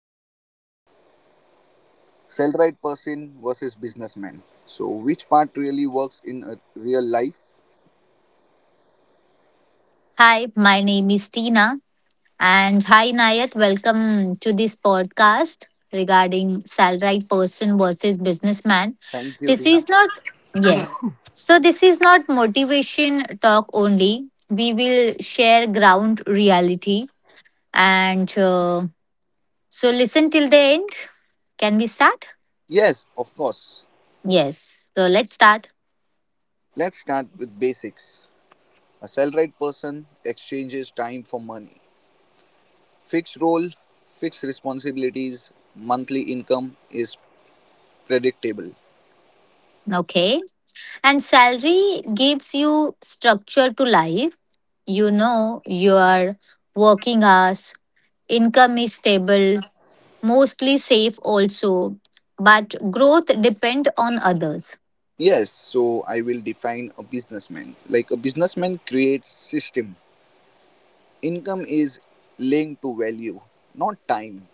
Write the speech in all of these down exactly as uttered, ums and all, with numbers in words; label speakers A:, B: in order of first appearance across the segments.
A: businessman, salaried person versus businessman. So, which part really works in a real life?
B: Hi, my name is Tina. And hi, Nayat. Welcome to this podcast regarding salaried person versus businessman.
A: Thank you,
B: This
A: Tina.
B: is not, yes. So, this is not motivation talk only. We will share ground reality. And uh, so, listen till the end. Can we start?
A: Yes, of course.
B: Yes. So, let's start.
A: Let's start with basics. A salaried person exchanges time for money. Fixed role, fixed responsibilities, monthly income is predictable.
B: Okay. And salary gives you structure to life. You know your working hours, income is stable, mostly safe also, but growth depend on others.
A: Yes, so I will define a businessman. Like a businessman creates system. Income is linked to value, not time.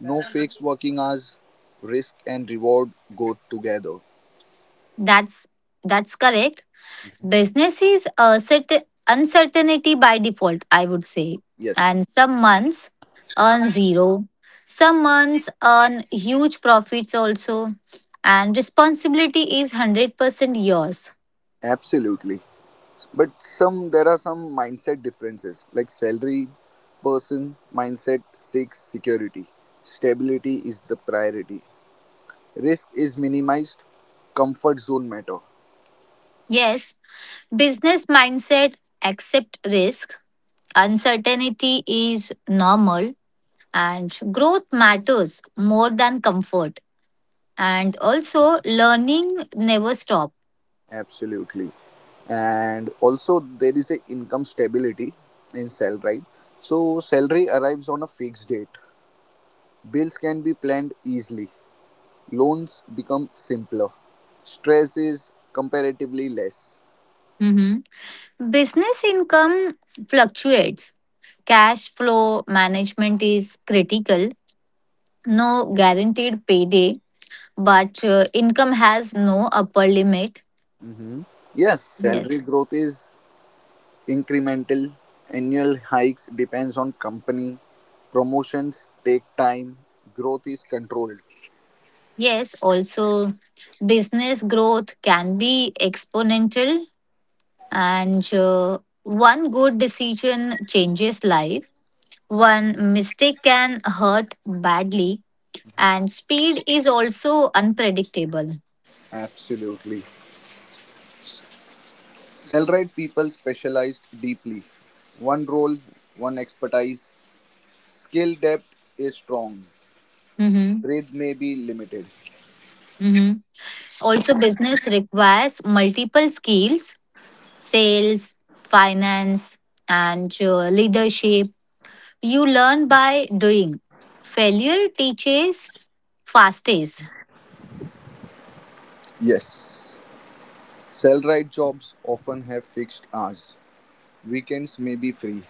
A: No fixed working hours, risk and reward go together.
B: That's that's correct. Business is a certain uncertainty by default, I would say.
A: Yes,
B: And some months earn zero, some months earn huge profits also, and responsibility is one hundred percent yours.
A: absolutely. But some there are some mindset differences, like salary person mindset seeks security. Stability is the priority. Risk is minimized, comfort zone matter.
B: Yes, business mindset accept risk. Uncertainty is normal and growth matters more than comfort. And also learning never stop.
A: Absolutely. And also there is a income stability in salary. So salary arrives on a fixed date. Bills can be planned easily, loans become simpler, stress is comparatively less.
B: Mhm. Business income fluctuates. Cash flow management is critical. No guaranteed payday, but uh, income has no upper limit.
A: Hmm. Yes, salary
B: Yes.
A: growth is incremental. Annual hikes depends on company. Promotions take time. Growth is controlled.
B: Yes, also business growth can be exponential and uh, one good decision changes life, one mistake can hurt badly, and speed is also unpredictable.
A: Absolutely. Salaried people specialized deeply. One role, one expertise. Skill depth is strong.
B: Mm-hmm.
A: Trade may be limited.
B: Mm-hmm. Also business requires multiple skills, sales, finance, and uh, leadership. You learn by doing, failure teaches fastest.
A: Yes. Salaried jobs often have fixed hours, weekends may be free,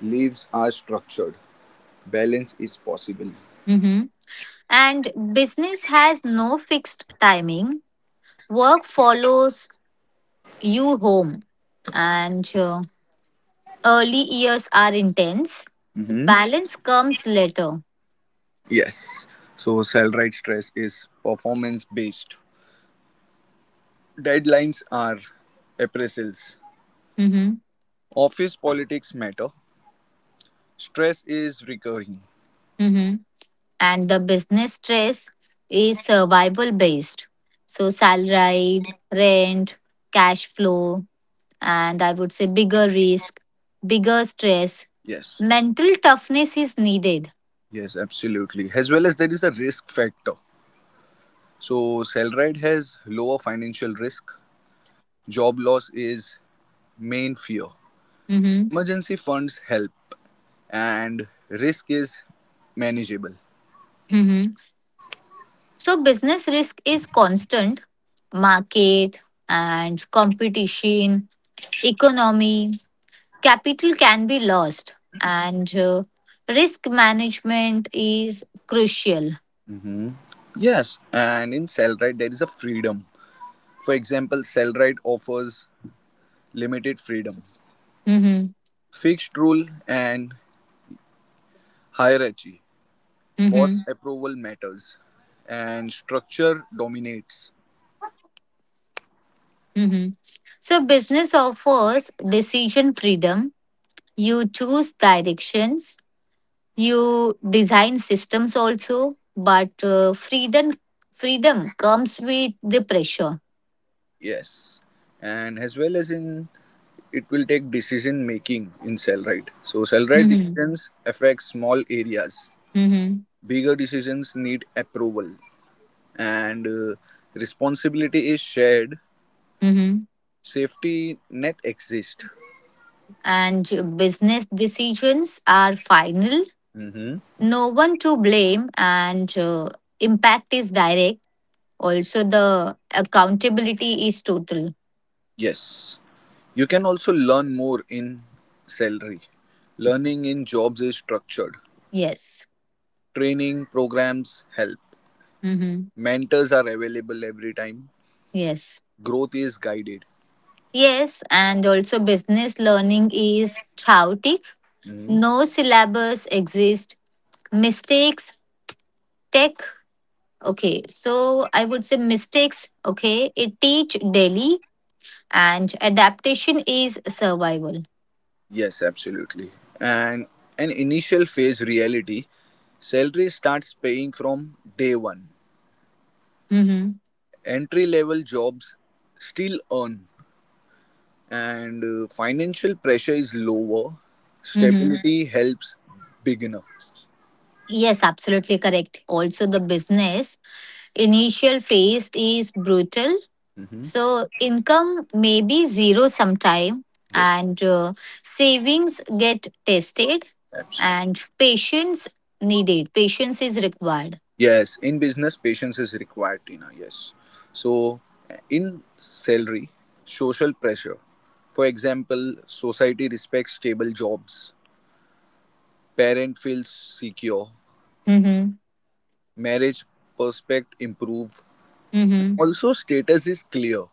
A: leaves are structured, balance is possible.
B: Mm-hmm. And business has no fixed timing, work follows you home. And uh, Early years are intense.
A: Mhm.
B: Balance comes later.
A: Yes, so salaried stress is performance based. Deadlines are appraisals.
B: Hmm.
A: Office politics matter. Stress is recurring.
B: Hmm. And the business stress is survival based. So, salaried, rent, cash flow, and I would say bigger risk, bigger stress.
A: Yes,
B: Mental toughness is needed.
A: yes, absolutely. As well as there is the risk factor. So, salaried has lower financial risk. Job loss is main fear.
B: Hmm.
A: Emergency funds help, and risk is manageable.
B: Hmm. So, business risk is constant, market and competition, economy, capital can be lost, and uh, risk management is crucial.
A: Yes, and in Cellrite there is a freedom. For example, Cellrite offers limited freedom,
B: Hmm.
A: fixed rule and hierarchy. Boss
B: Hmm.
A: approval matters, and structure dominates.
B: Hmm. So business offers decision freedom, you choose directions, you design systems also, but uh, freedom freedom comes with the pressure.
A: Yes, and as well as in it will take decision making in Cellrite. So Cellrite
B: Hmm.
A: decisions affect small areas.
B: Hmm.
A: Bigger decisions need approval, and uh, responsibility is shared.
B: Hmm.
A: Safety net exists.
B: And business decisions are final,
A: Hmm.
B: no one to blame, and uh, impact is direct, also the accountability is total.
A: Yes. You can also learn more in salary. Learning in jobs is structured.
B: Yes.
A: Training programs help.
B: Mm-hmm.
A: Mentors are available every time.
B: Yes.
A: Growth is guided.
B: Yes. And also business learning is chaotic,
A: Mhm.
B: no syllabus exist. Mistakes tech okay so I would say mistakes okay it teach daily, and adaptation is survival.
A: Yes, absolutely. And an initial phase reality, salary starts paying from day one.
B: Mm-hmm.
A: Entry level jobs still earn, and uh, financial pressure is lower.
B: Mm-hmm.
A: Stability helps beginner.
B: Yes, absolutely correct. Also the business initial phase is brutal.
A: Hmm.
B: So income may be zero sometime,
A: Yes,
B: and uh, savings get tested
A: absolutely.
B: and patience needed. Patience is required.
A: Yes, in business, patience is required, Tina. Yes. So, in salary, social pressure. For example, society respects stable jobs. Parent feels secure.
B: Mm-hmm.
A: Marriage prospect improve.
B: Mm-hmm.
A: Also, status is clear.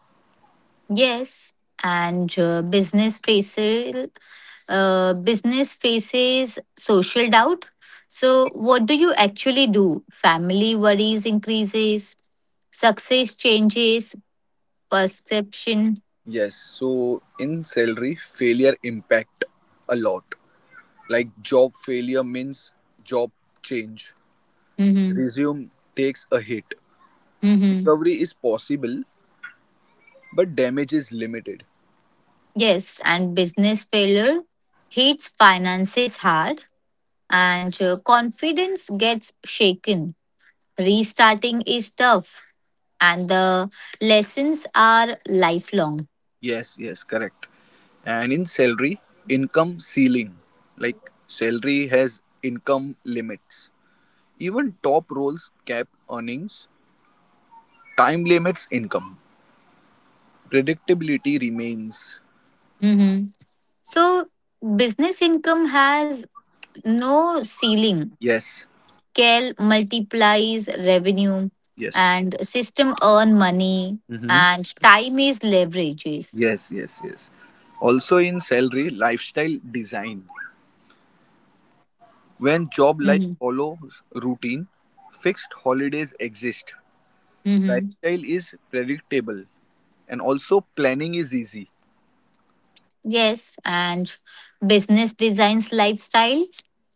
B: Yes. And uh, business faces uh, Business faces social doubt. So what do you actually do? Family worries increases, success changes, perception.
A: Yes. So, in salary, failure impact a lot. Like job failure means job change.
B: Mm-hmm.
A: Resume takes a hit.
B: Hmm.
A: Recovery is possible, but damage is limited.
B: Yes, and business failure hits finances hard, and uh, confidence gets shaken. Restarting is tough and the lessons are lifelong.
A: Yes, yes, correct. And in salary, income ceiling. Like salary has income limits. Even top roles cap earnings. Time limits income. Predictability remains.
B: Hmm. So, business income has no ceiling.
A: Yes,
B: Cal multiplies revenue
A: yes.
B: and system earn money
A: Mm-hmm.
B: and time is leverages.
A: Yes, yes, yes. Also in salary, lifestyle design. When job life follows routine, fixed holidays exist.
B: Hmm.
A: Lifestyle is predictable, and also planning is easy.
B: Yes, and business designs lifestyle.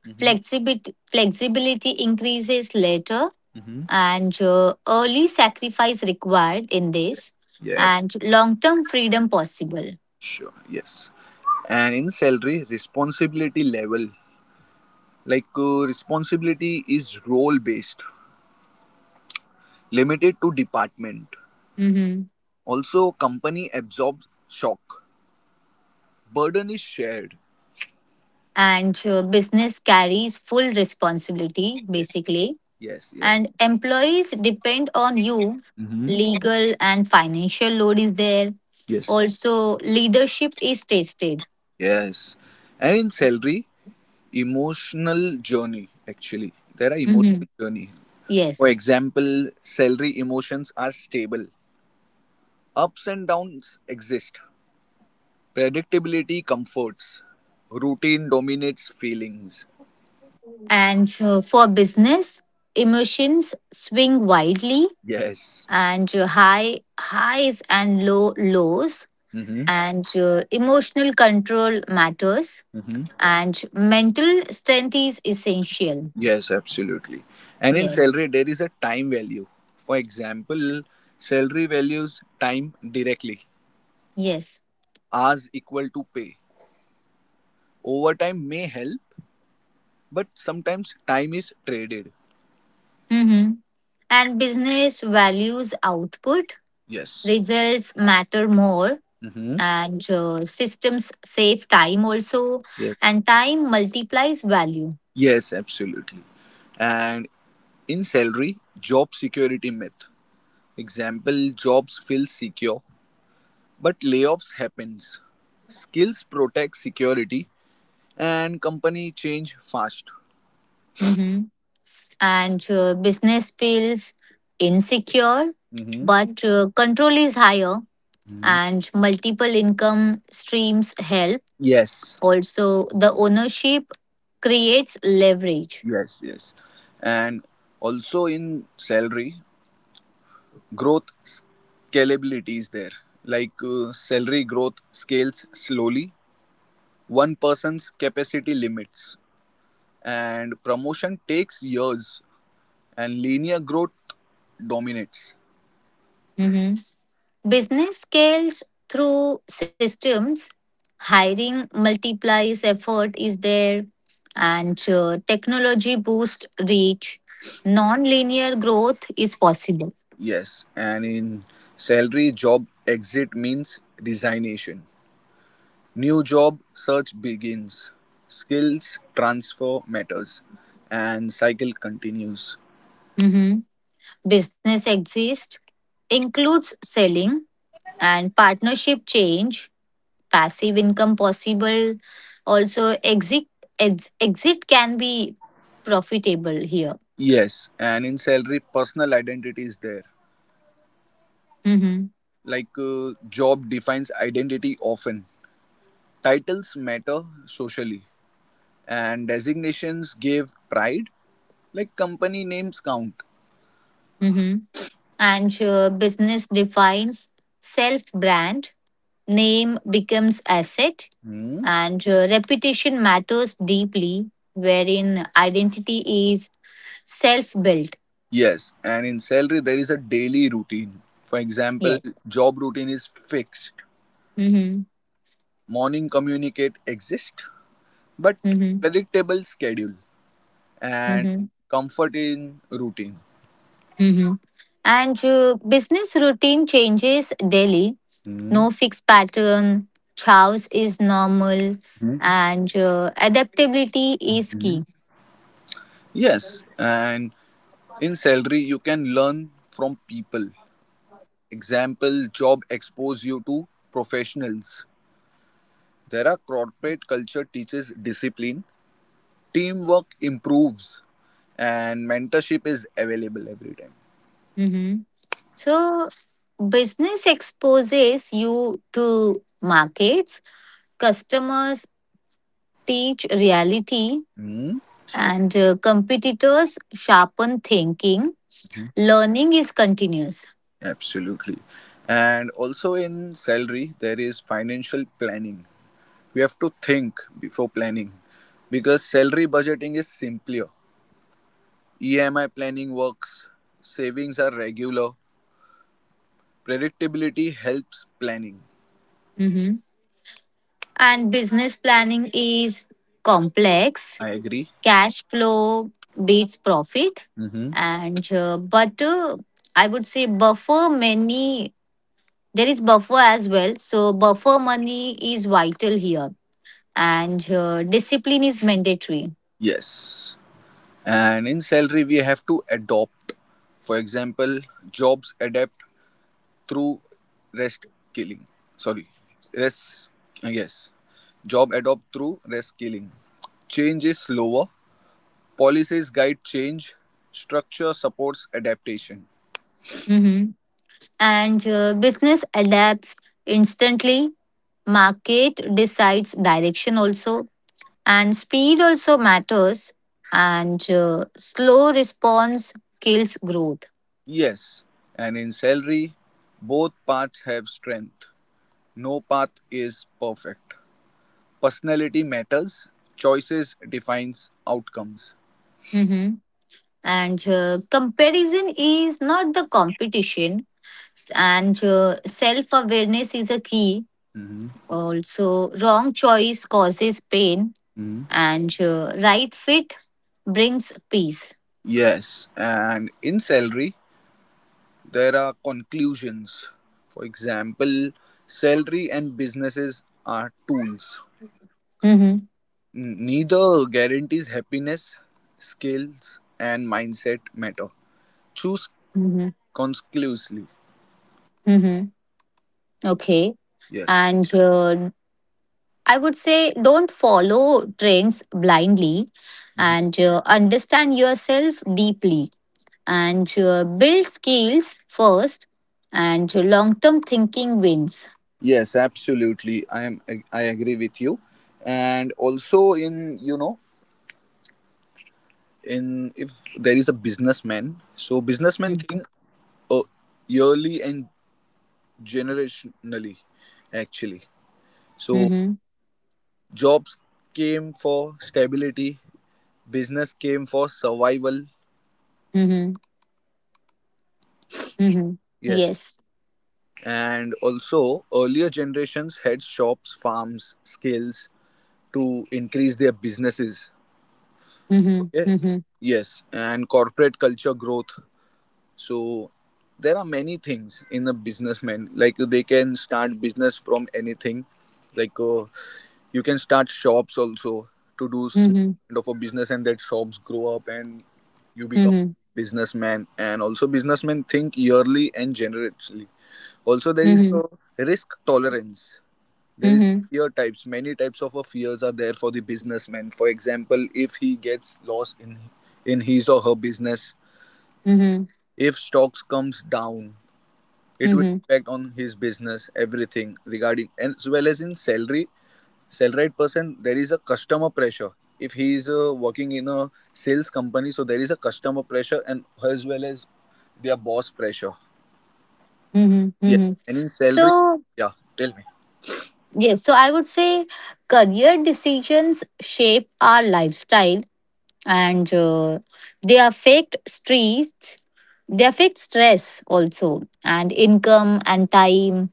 A: Hmm.
B: Flexibility, flexibility increases later,
A: Hmm.
B: and uh, early sacrifice required in this,
A: Yes,
B: and long term freedom possible.
A: sure, yes. And in salary, responsibility level, like uh, responsibility is role based, limited to department.
B: Hmm.
A: Also, company absorbs shock. Burden is shared.
B: And uh, Business carries full responsibility,
A: Yes,
B: basically.
A: yes, yes.
B: And employees depend on you.
A: Hmm.
B: Legal and financial load is there.
A: Yes,
B: Also, leadership is tested.
A: yes. And in salary, emotional journey, actually there are
B: Hmm.
A: emotional journey. For
B: Yes.
A: example, salary emotions are stable, ups and downs exist, predictability comforts, routine dominates feelings.
B: And uh, For business, emotions swing wildly,
A: Yes.
B: and uh, high highs and low lows,
A: Mm-hmm.
B: and uh, emotional control matters,
A: Mm-hmm.
B: and mental strength is essential.
A: Yes, absolutely. And in
B: Yes.
A: salary there is a time value. For example, salary values time directly,
B: Yes.
A: hours equal to pay, overtime may help, but sometimes time is traded.
B: Hmm. And business values output,
A: Yes.
B: results matter more,
A: Mm-hmm.
B: and uh, systems save time also,
A: Yes.
B: and time multiplies value.
A: Yes, absolutely. And in salary, job security myth. Example, jobs feel secure, but layoffs happens. Skills protect security and company change fast.
B: Mm-hmm. and uh, Business feels insecure,
A: Mm-hmm.
B: but uh, control is higher
A: Hmm.
B: and multiple income streams help.
A: Yes.
B: Also, the ownership creates leverage.
A: Yes, yes. And also in salary, growth scalability is there. Like, uh, salary growth scales slowly, one person's capacity limits, and promotion takes years, and linear growth dominates.
B: Mhm. Business scales through systems, hiring multiplies effort is there, and uh, technology boosts reach. Non linear growth is possible.
A: Yes. And in salary, job exit means resignation. New job search begins. Skills transfer matters, and cycle continues.
B: Mm-hmm. Business exist includes selling and partnership change, passive income possible, also exit ex- exit can be profitable here.
A: Yes. And in salary, personal identity is there.
B: Hmm.
A: Like, uh, job defines identity often. Titles matter socially, and designations give pride. Like, company names count.
B: Hmm. and uh, Business defines self brand, name becomes asset,
A: Hmm?
B: and uh, reputation matters deeply, wherein identity is self built.
A: Yes, and in salary there is a daily routine. For example,
B: Yes.
A: job routine is fixed.
B: Hmm.
A: Morning communicate exist, but
B: Hmm.
A: predictable schedule and
B: Hmm.
A: comfort in routine.
B: Mhm. And uh, Business routine changes daily.
A: Hmm?
B: No fixed pattern. Chaos is normal,
A: Hmm?
B: and uh, adaptability is
A: Mhm.
B: key.
A: Yes, and in salary you can learn from people. Example, job expose you to professionals. There are corporate culture teaches discipline. Teamwork improves, and mentorship is available every time.
B: Mhm. So, business exposes you to markets, customers teach reality,
A: Hmm?
B: and uh, competitors sharpen thinking. Learning is continuous.
A: Absolutely. And also in salary, there is financial planning. We have to think before planning because salary budgeting is simpler. E M I planning works, savings are regular, predictability helps planning.
B: Mhm. And business planning is complex,
A: I agree.
B: cash flow beats profit,
A: Mm-hmm.
B: and uh, but uh, I would say buffer money. There is buffer as well, so buffer money is vital here, and uh, discipline is mandatory.
A: Yes. And in salary, we have to adopt. For example, jobs adapt through rest killing. Sorry, rest. Yes, job adopt through rest killing. Change is slower. Policies guide change. Structure supports adaptation.
B: Mhm. and uh, Business adapts instantly, market decides direction also, and speed also matters, and uh, slow response kills growth.
A: Yes, and in salary, both paths have strength. No path is perfect. Personality matters. Choices defines outcomes.
B: Mm-hmm. and uh, Comparison is not the competition, and uh, self-awareness is a key.
A: Mhm.
B: Also wrong choice causes pain,
A: Mhm.
B: and uh, right fit brings peace.
A: Yes, and in salary, there are conclusions. For example, salary and businesses are tools.
B: Mm-hmm.
A: Neither guarantees happiness, skills and mindset matter. Choose
B: Mm-hmm.
A: conclusively.
B: Mm-hmm. Okay.
A: Yes.
B: and uh, I would say don't follow trends blindly,
A: Mhm.
B: and uh, understand yourself deeply, and uh, build skills first, and long term thinking wins.
A: Yes, absolutely. I am. I I agree with you. And also, in you know, in if there is a businessman, so businessmen
B: Mm-hmm.
A: think uh, yearly and generationally, actually. So
B: Mhm.
A: jobs came for stability, business came for survival.
B: Mhm. Mhm.
A: Yes.
B: Yes.
A: And also, earlier generations had shops, farms, skills to increase their businesses.
B: Mhm.
A: Okay.
B: Mhm.
A: Yes. And corporate culture growth. So, there are many things in a businessman. Like, they can start business from anything. Like, uh, you can start shops also to do small
B: Mhm.
A: kind of a business, and that shops grow up and you become
B: Mhm.
A: businessman. And also, businessmen think yearly and generously. Also, there is a
B: Mhm.
A: risk tolerance. There is
B: Mhm.
A: fear types. Many types of a fears are there for the businessman. For example, if he gets lost in in his or her business,
B: Mhm.
A: if stocks comes down, it will
B: Mhm.
A: impact on his business, everything regarding, as well as in salary, sell right person, there is a customer pressure. If he is uh, working in a sales company, so there is a customer pressure, and as well as their boss pressure.
B: Mhm.
A: Yes.
B: Mhm.
A: And in salary,
B: So,
A: yeah, tell me.
B: yes, so I would say career decisions shape our lifestyle, and uh, they affect streets, they affect stress also, and income and time.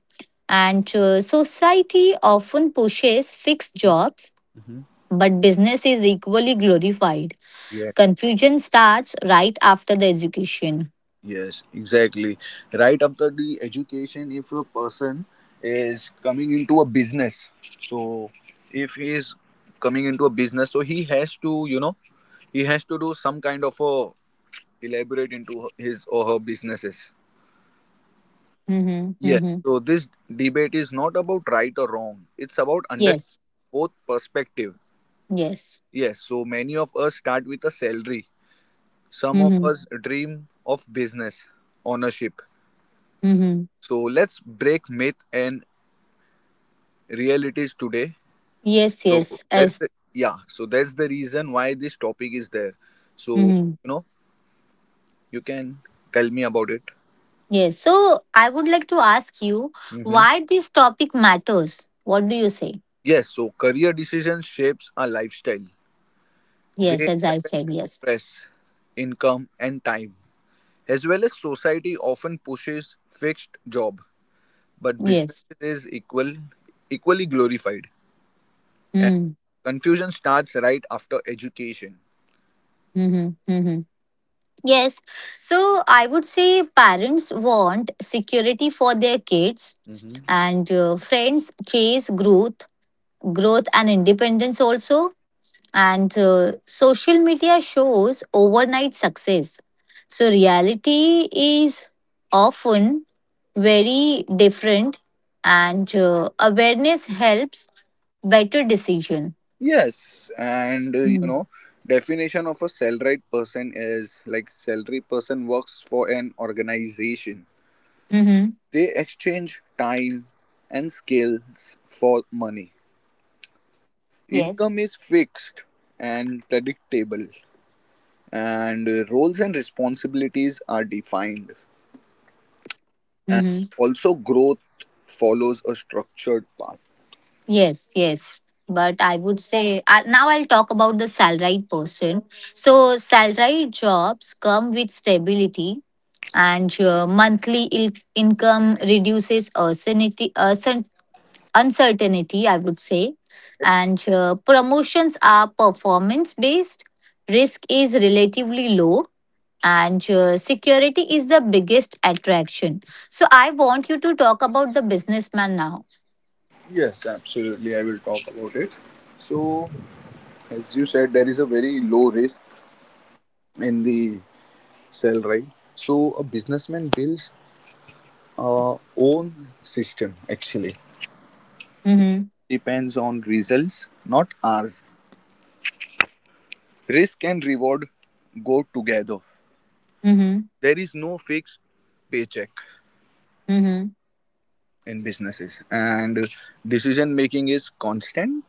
B: And uh, Society often pushes fixed jobs,
A: Mm-hmm.
B: but business is equally glorified.
A: Yes,
B: Confusion starts right after the education.
A: yes, exactly. Right after the education, if a person is coming into a business, so if he is coming into a business, so he has to you know he has to do some kind of a elaborate into his or her businesses.
B: Mhm.
A: Yes.
B: Mhm.
A: So this debate is not about right or wrong. It's about understanding
B: Yes,
A: both perspective.
B: yes.
A: Yes. So many of us start with a salary. Some of
B: Mhm.
A: us dream of business ownership.
B: Mhm.
A: So let's break myth and realities today.
B: Yes,
A: So
B: yes.
A: that's
B: As,
A: the yeah. So that's the reason why this topic is there. So
B: mhm.
A: you know you can tell me about it.
B: Yes. So I would like to ask you
A: Hmm.
B: why this topic matters. What do you say?
A: Yes. So career decision shapes our lifestyle.
B: Yes,
A: They
B: as I
A: affect
B: said, yes,
A: stress, income, and time. As well as society often pushes fixed job, but business
B: yes.
A: is equal equally glorified. And
B: Mm.
A: confusion starts right after education.
B: Mhm. Mhm. Yes. So I would say parents want security for their kids,
A: Hmm.
B: and uh, friends chase growth, growth and independence also, and uh, social media shows overnight success. So, reality is often very different, and uh, awareness helps better decision.
A: Yes, and uh, you
B: Mm.
A: know, definition of a salaried person is like salary person works for an organization.
B: Mm-hmm.
A: They exchange time and skills for money.
B: Yes.
A: Income is fixed and predictable, and uh, roles and responsibilities are defined. And
B: Mm-hmm.
A: also growth follows a structured path.
B: Yes, yes. But I would say uh, now I'll talk about the salaried person. So, salaried jobs come with stability, and uh, monthly il- income reduces uncertainty, uncertainty, I would say. And uh, Promotions are performance based, risk is relatively low, and uh, security is the biggest attraction. So, I want you to talk about the businessman now.
A: Yes, absolutely. I will talk about it. So, as you said, there is a very low risk in the sell, right? So, a businessman builds uh, own system, actually.
B: Mm-hmm.
A: Depends on results, not ours. Risk and reward go together.
B: Mm-hmm.
A: There is no fixed paycheck
B: Mm-hmm.
A: in businesses, and decision making is constant.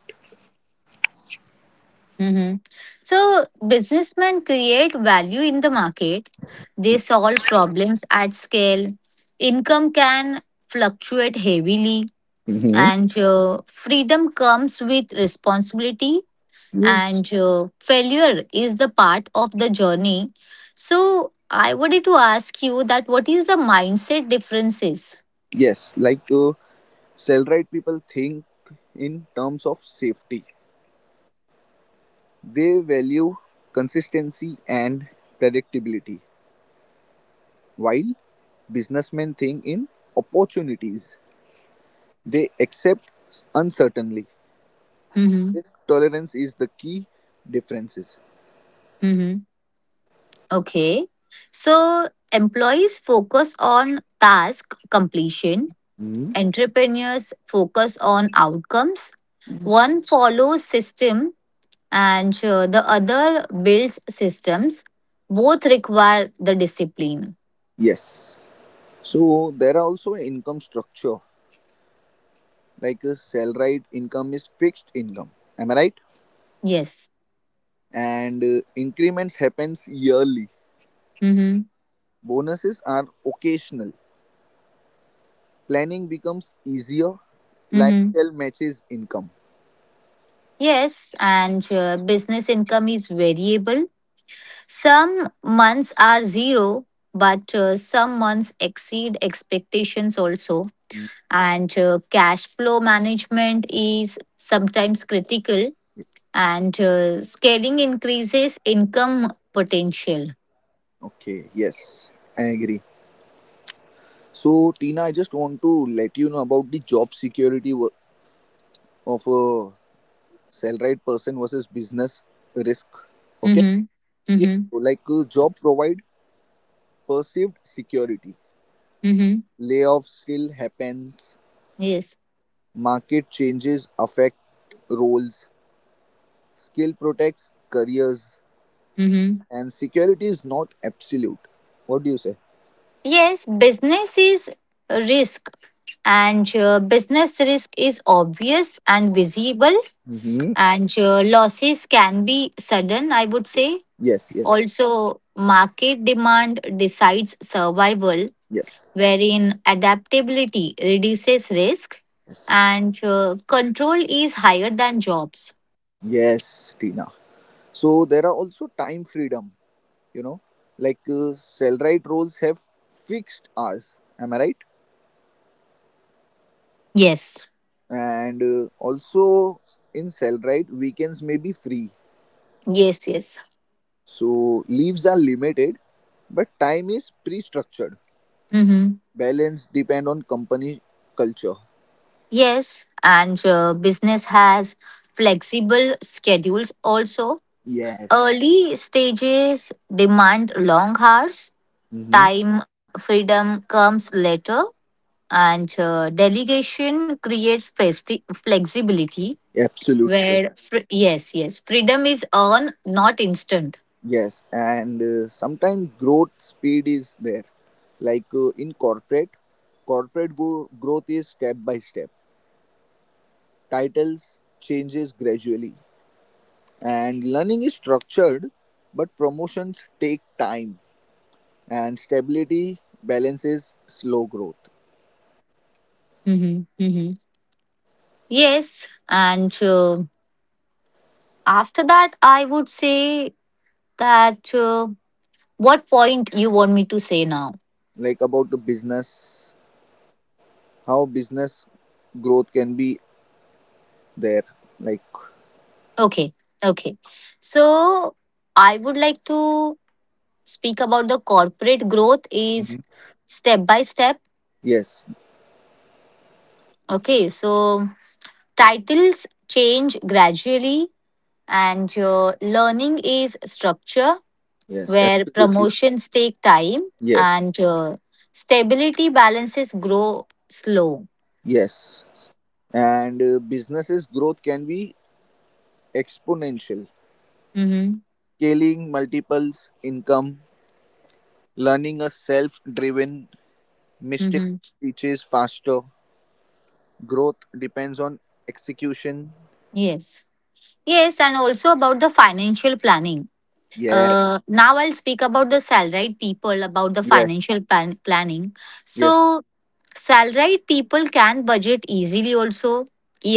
B: Mm-hmm. So, businessmen create value in the market, they solve problems at scale, income can fluctuate heavily,
A: Hmm.
B: and uh, freedom comes with responsibility,
A: Yes,
B: and uh, failure is the part of the journey. So I wanted to ask you, that what is the mindset differences?
A: yes, like uh, salaried people think in terms of safety. They value consistency and predictability, while businessmen think in opportunities. They accept uncertainty.
B: Mm-hmm.
A: Risk tolerance is the key differences.
B: Mm-hmm. Okay. So employees focus on task completion,
A: Hmm.
B: entrepreneurs focus on outcomes,
A: Yes.
B: one follows system, and uh, the other builds systems. Both require the discipline.
A: Yes. So there are also income structure, like a salaried income is fixed income. Am I right?
B: Yes.
A: And uh, increments happens yearly.
B: Mm-hmm.
A: Bonuses are occasional. Planning becomes easier.
B: Mm-hmm.
A: Lifestyle matches income.
B: Yes, and uh, business income is variable. Some months are zero, but uh, some months exceed expectations also.
A: Mm,
B: And uh, Cash flow management is sometimes critical,
A: yes.
B: and uh, scaling increases income potential.
A: Okay, yes, I agree. So, Tina, I just want to let you know about the job security wo- of a salaried person versus business risk. Okay?
B: Mm-hmm.
A: Yeah.
B: Mm-hmm.
A: So, like, uh, job provide perceived security.
B: Mm-hmm.
A: Layoffs still happens.
B: Yes.
A: Market changes affect roles. Skill protects careers.
B: Mm-hmm.
A: And security is not absolute. What do you say?
B: Yes, business is a risk, and uh, business risk is obvious and visible, and uh, losses can be sudden, I would say.
A: Yes, yes,
B: Also market demand decides survival,
A: yes,
B: wherein adaptability reduces risk,
A: yes,
B: and uh, control is higher than jobs.
A: yes, Tina. So there are also time freedom, you know, like uh, Cellrite roles have fixed hours. Am I right?
B: Yes.
A: And uh, also in Cellrite, weekends may be free.
B: Yes. Yes.
A: So leaves are limited, but time is pre-structured.
B: Mm-hmm.
A: Balance depend on company culture.
B: Yes, and uh, business has flexible schedules also.
A: Yes.
B: Early stages demand long hours,
A: Mm-hmm.
B: time freedom comes later, and uh, delegation creates festi- flexibility
A: Absolutely.
B: where
A: Yes.
B: fr- Yes, yes, freedom is earned not instant.
A: Yes, and uh, sometimes growth speed is there. Like, uh, in corporate, corporate go- growth is step by step. Titles changes gradually, and learning is structured, but promotions take time, and stability balances slow growth.
B: Hmm. Hmm. Yes, and uh, after that I would say that uh, what point you want me to say now?
A: Like about the business, how business growth can be there. Like.
B: Okay. Okay. So I would like to speak about the corporate growth is
A: Mhm.
B: step by step.
A: Yes,
B: Okay. So titles change gradually, and uh, learning is structure,
A: yes,
B: where
A: absolutely,
B: promotions take time,
A: yes,
B: and uh, stability balances grow slow.
A: yes. and uh, businesses growth can be exponential.
B: Mm-hmm.
A: Scaling multiples income. Learning a self-driven mistake
B: Mm-hmm.
A: teaches faster. Growth depends on execution.
B: Yes. Yes, and also about the financial planning.
A: Yes.
B: Uh, now I'll speak about the salaried people about the
A: Yes.
B: financial plan- planning.
A: Yes.
B: So salaried people can budget easily also.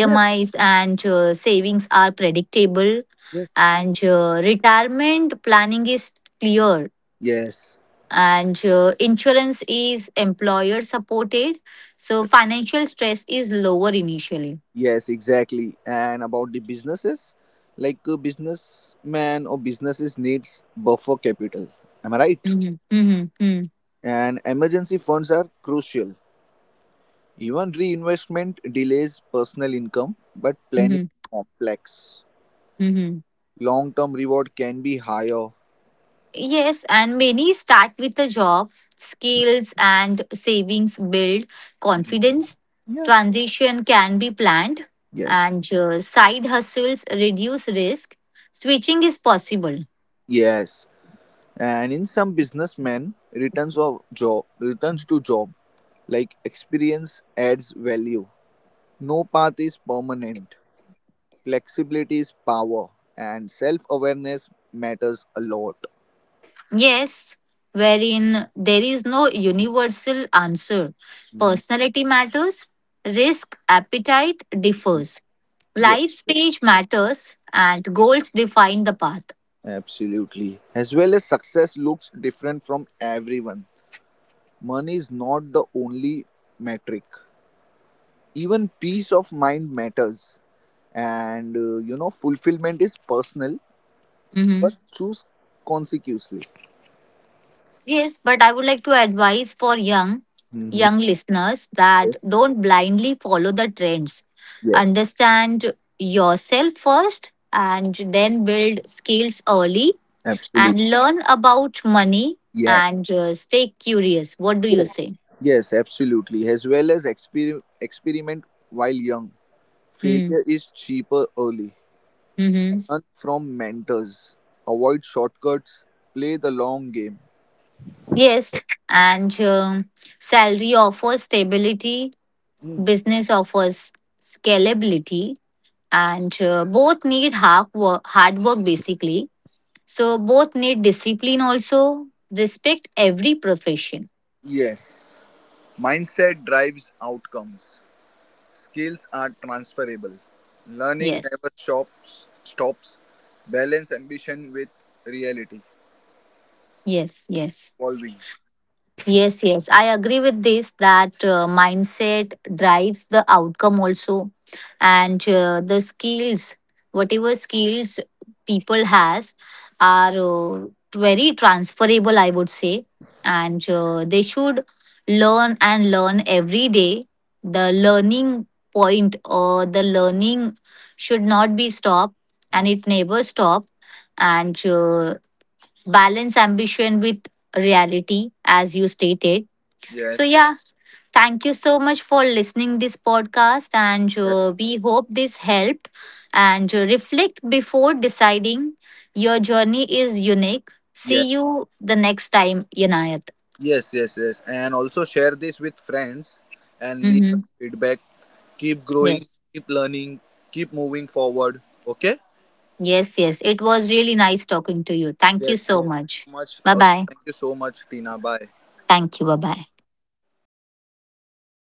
A: Yes.
B: and uh, savings are predictable,
A: Yes.
B: and uh, retirement planning is clear,
A: Yes.
B: and uh, insurance is employer supported, so financial stress is lower initially.
A: Yes, exactly. And about the businesses, like a businessman or businesses needs buffer capital. Am I right?
B: Mhm. Mhm. Mm.
A: And emergency funds are crucial. Even reinvestment delays personal income, but planning
B: Mhm.
A: is complex.
B: Mhm.
A: Long term reward can be higher.
B: Yes, and many start with a job, skills and savings build
A: Mm.
B: confidence,
A: Yes.
B: transition can be planned,
A: Yes.
B: and uh, side hustles reduce risk, switching is possible.
A: Yes. And in some businessmen, returns of job returns to job, like experience adds value. No path is permanent. Flexibility is power, and self awareness matters a lot.
B: Yes, wherein there is no universal answer.
A: Mhm.
B: Personality matters, risk appetite differs,
A: Yes,
B: life
A: yes,
B: stage matters, and goals define the path.
A: absolutely. As well as success looks different from everyone. Money is not the only metric. Even peace of mind matters, and uh, you know, fulfillment is personal, but
B: Hmm.
A: choose consecutively.
B: Yes, but I would like to advise for young
A: Hmm.
B: young listeners that
A: Yes,
B: don't blindly follow the trends.
A: yes,
B: Understand yourself first and then build skills early
A: absolutely.
B: and learn about money,
A: Yeah,
B: and uh, stay curious. What do you
A: yes,
B: say?
A: yes, absolutely. As well as exper- experiment while young.
B: Mm.
A: Failure is cheaper early.
B: Hmm.
A: Learn from mentors. Avoid shortcuts. Play the long game.
B: Yes, and um, salary offers stability, business offers scalability, and uh, both need hard work, hard work basically. So, both need discipline also. Respect every profession.
A: Yes, mindset drives outcomes. Skills are transferable. Learning
B: Yes,
A: never stops. Stops. Balance ambition with reality.
B: yes, yes.
A: Evolving.
B: Yes, yes, I agree with this, that uh, mindset drives the outcome also, and uh, the skills, whatever skills people has, are uh, very transferable, I would say, and uh, they should learn and learn every day. The learning point or the learning should not be stopped, and it never stop. And uh, balance ambition with reality, as you stated. So
A: Yes.
B: yeah, thank you so much for listening this podcast, and
A: Yes.
B: uh, we hope this helped, and uh, reflect before deciding. Your journey is unique. See
A: Yes.
B: you the next time, Yanayat.
A: Yes. Yes. Yes. And also share this with friends and leave
B: Mm-hmm.
A: us feedback. Keep growing.
B: Yes,
A: Keep learning. Keep moving forward. Okay.
B: yes, yes, it was really nice talking to you. Thank you
A: Yes.
B: so
A: Thank you
B: much.
A: so much.
B: Bye
A: Also,
B: bye.
A: thank you so much, Tina. Bye.
B: Thank you. Bye bye.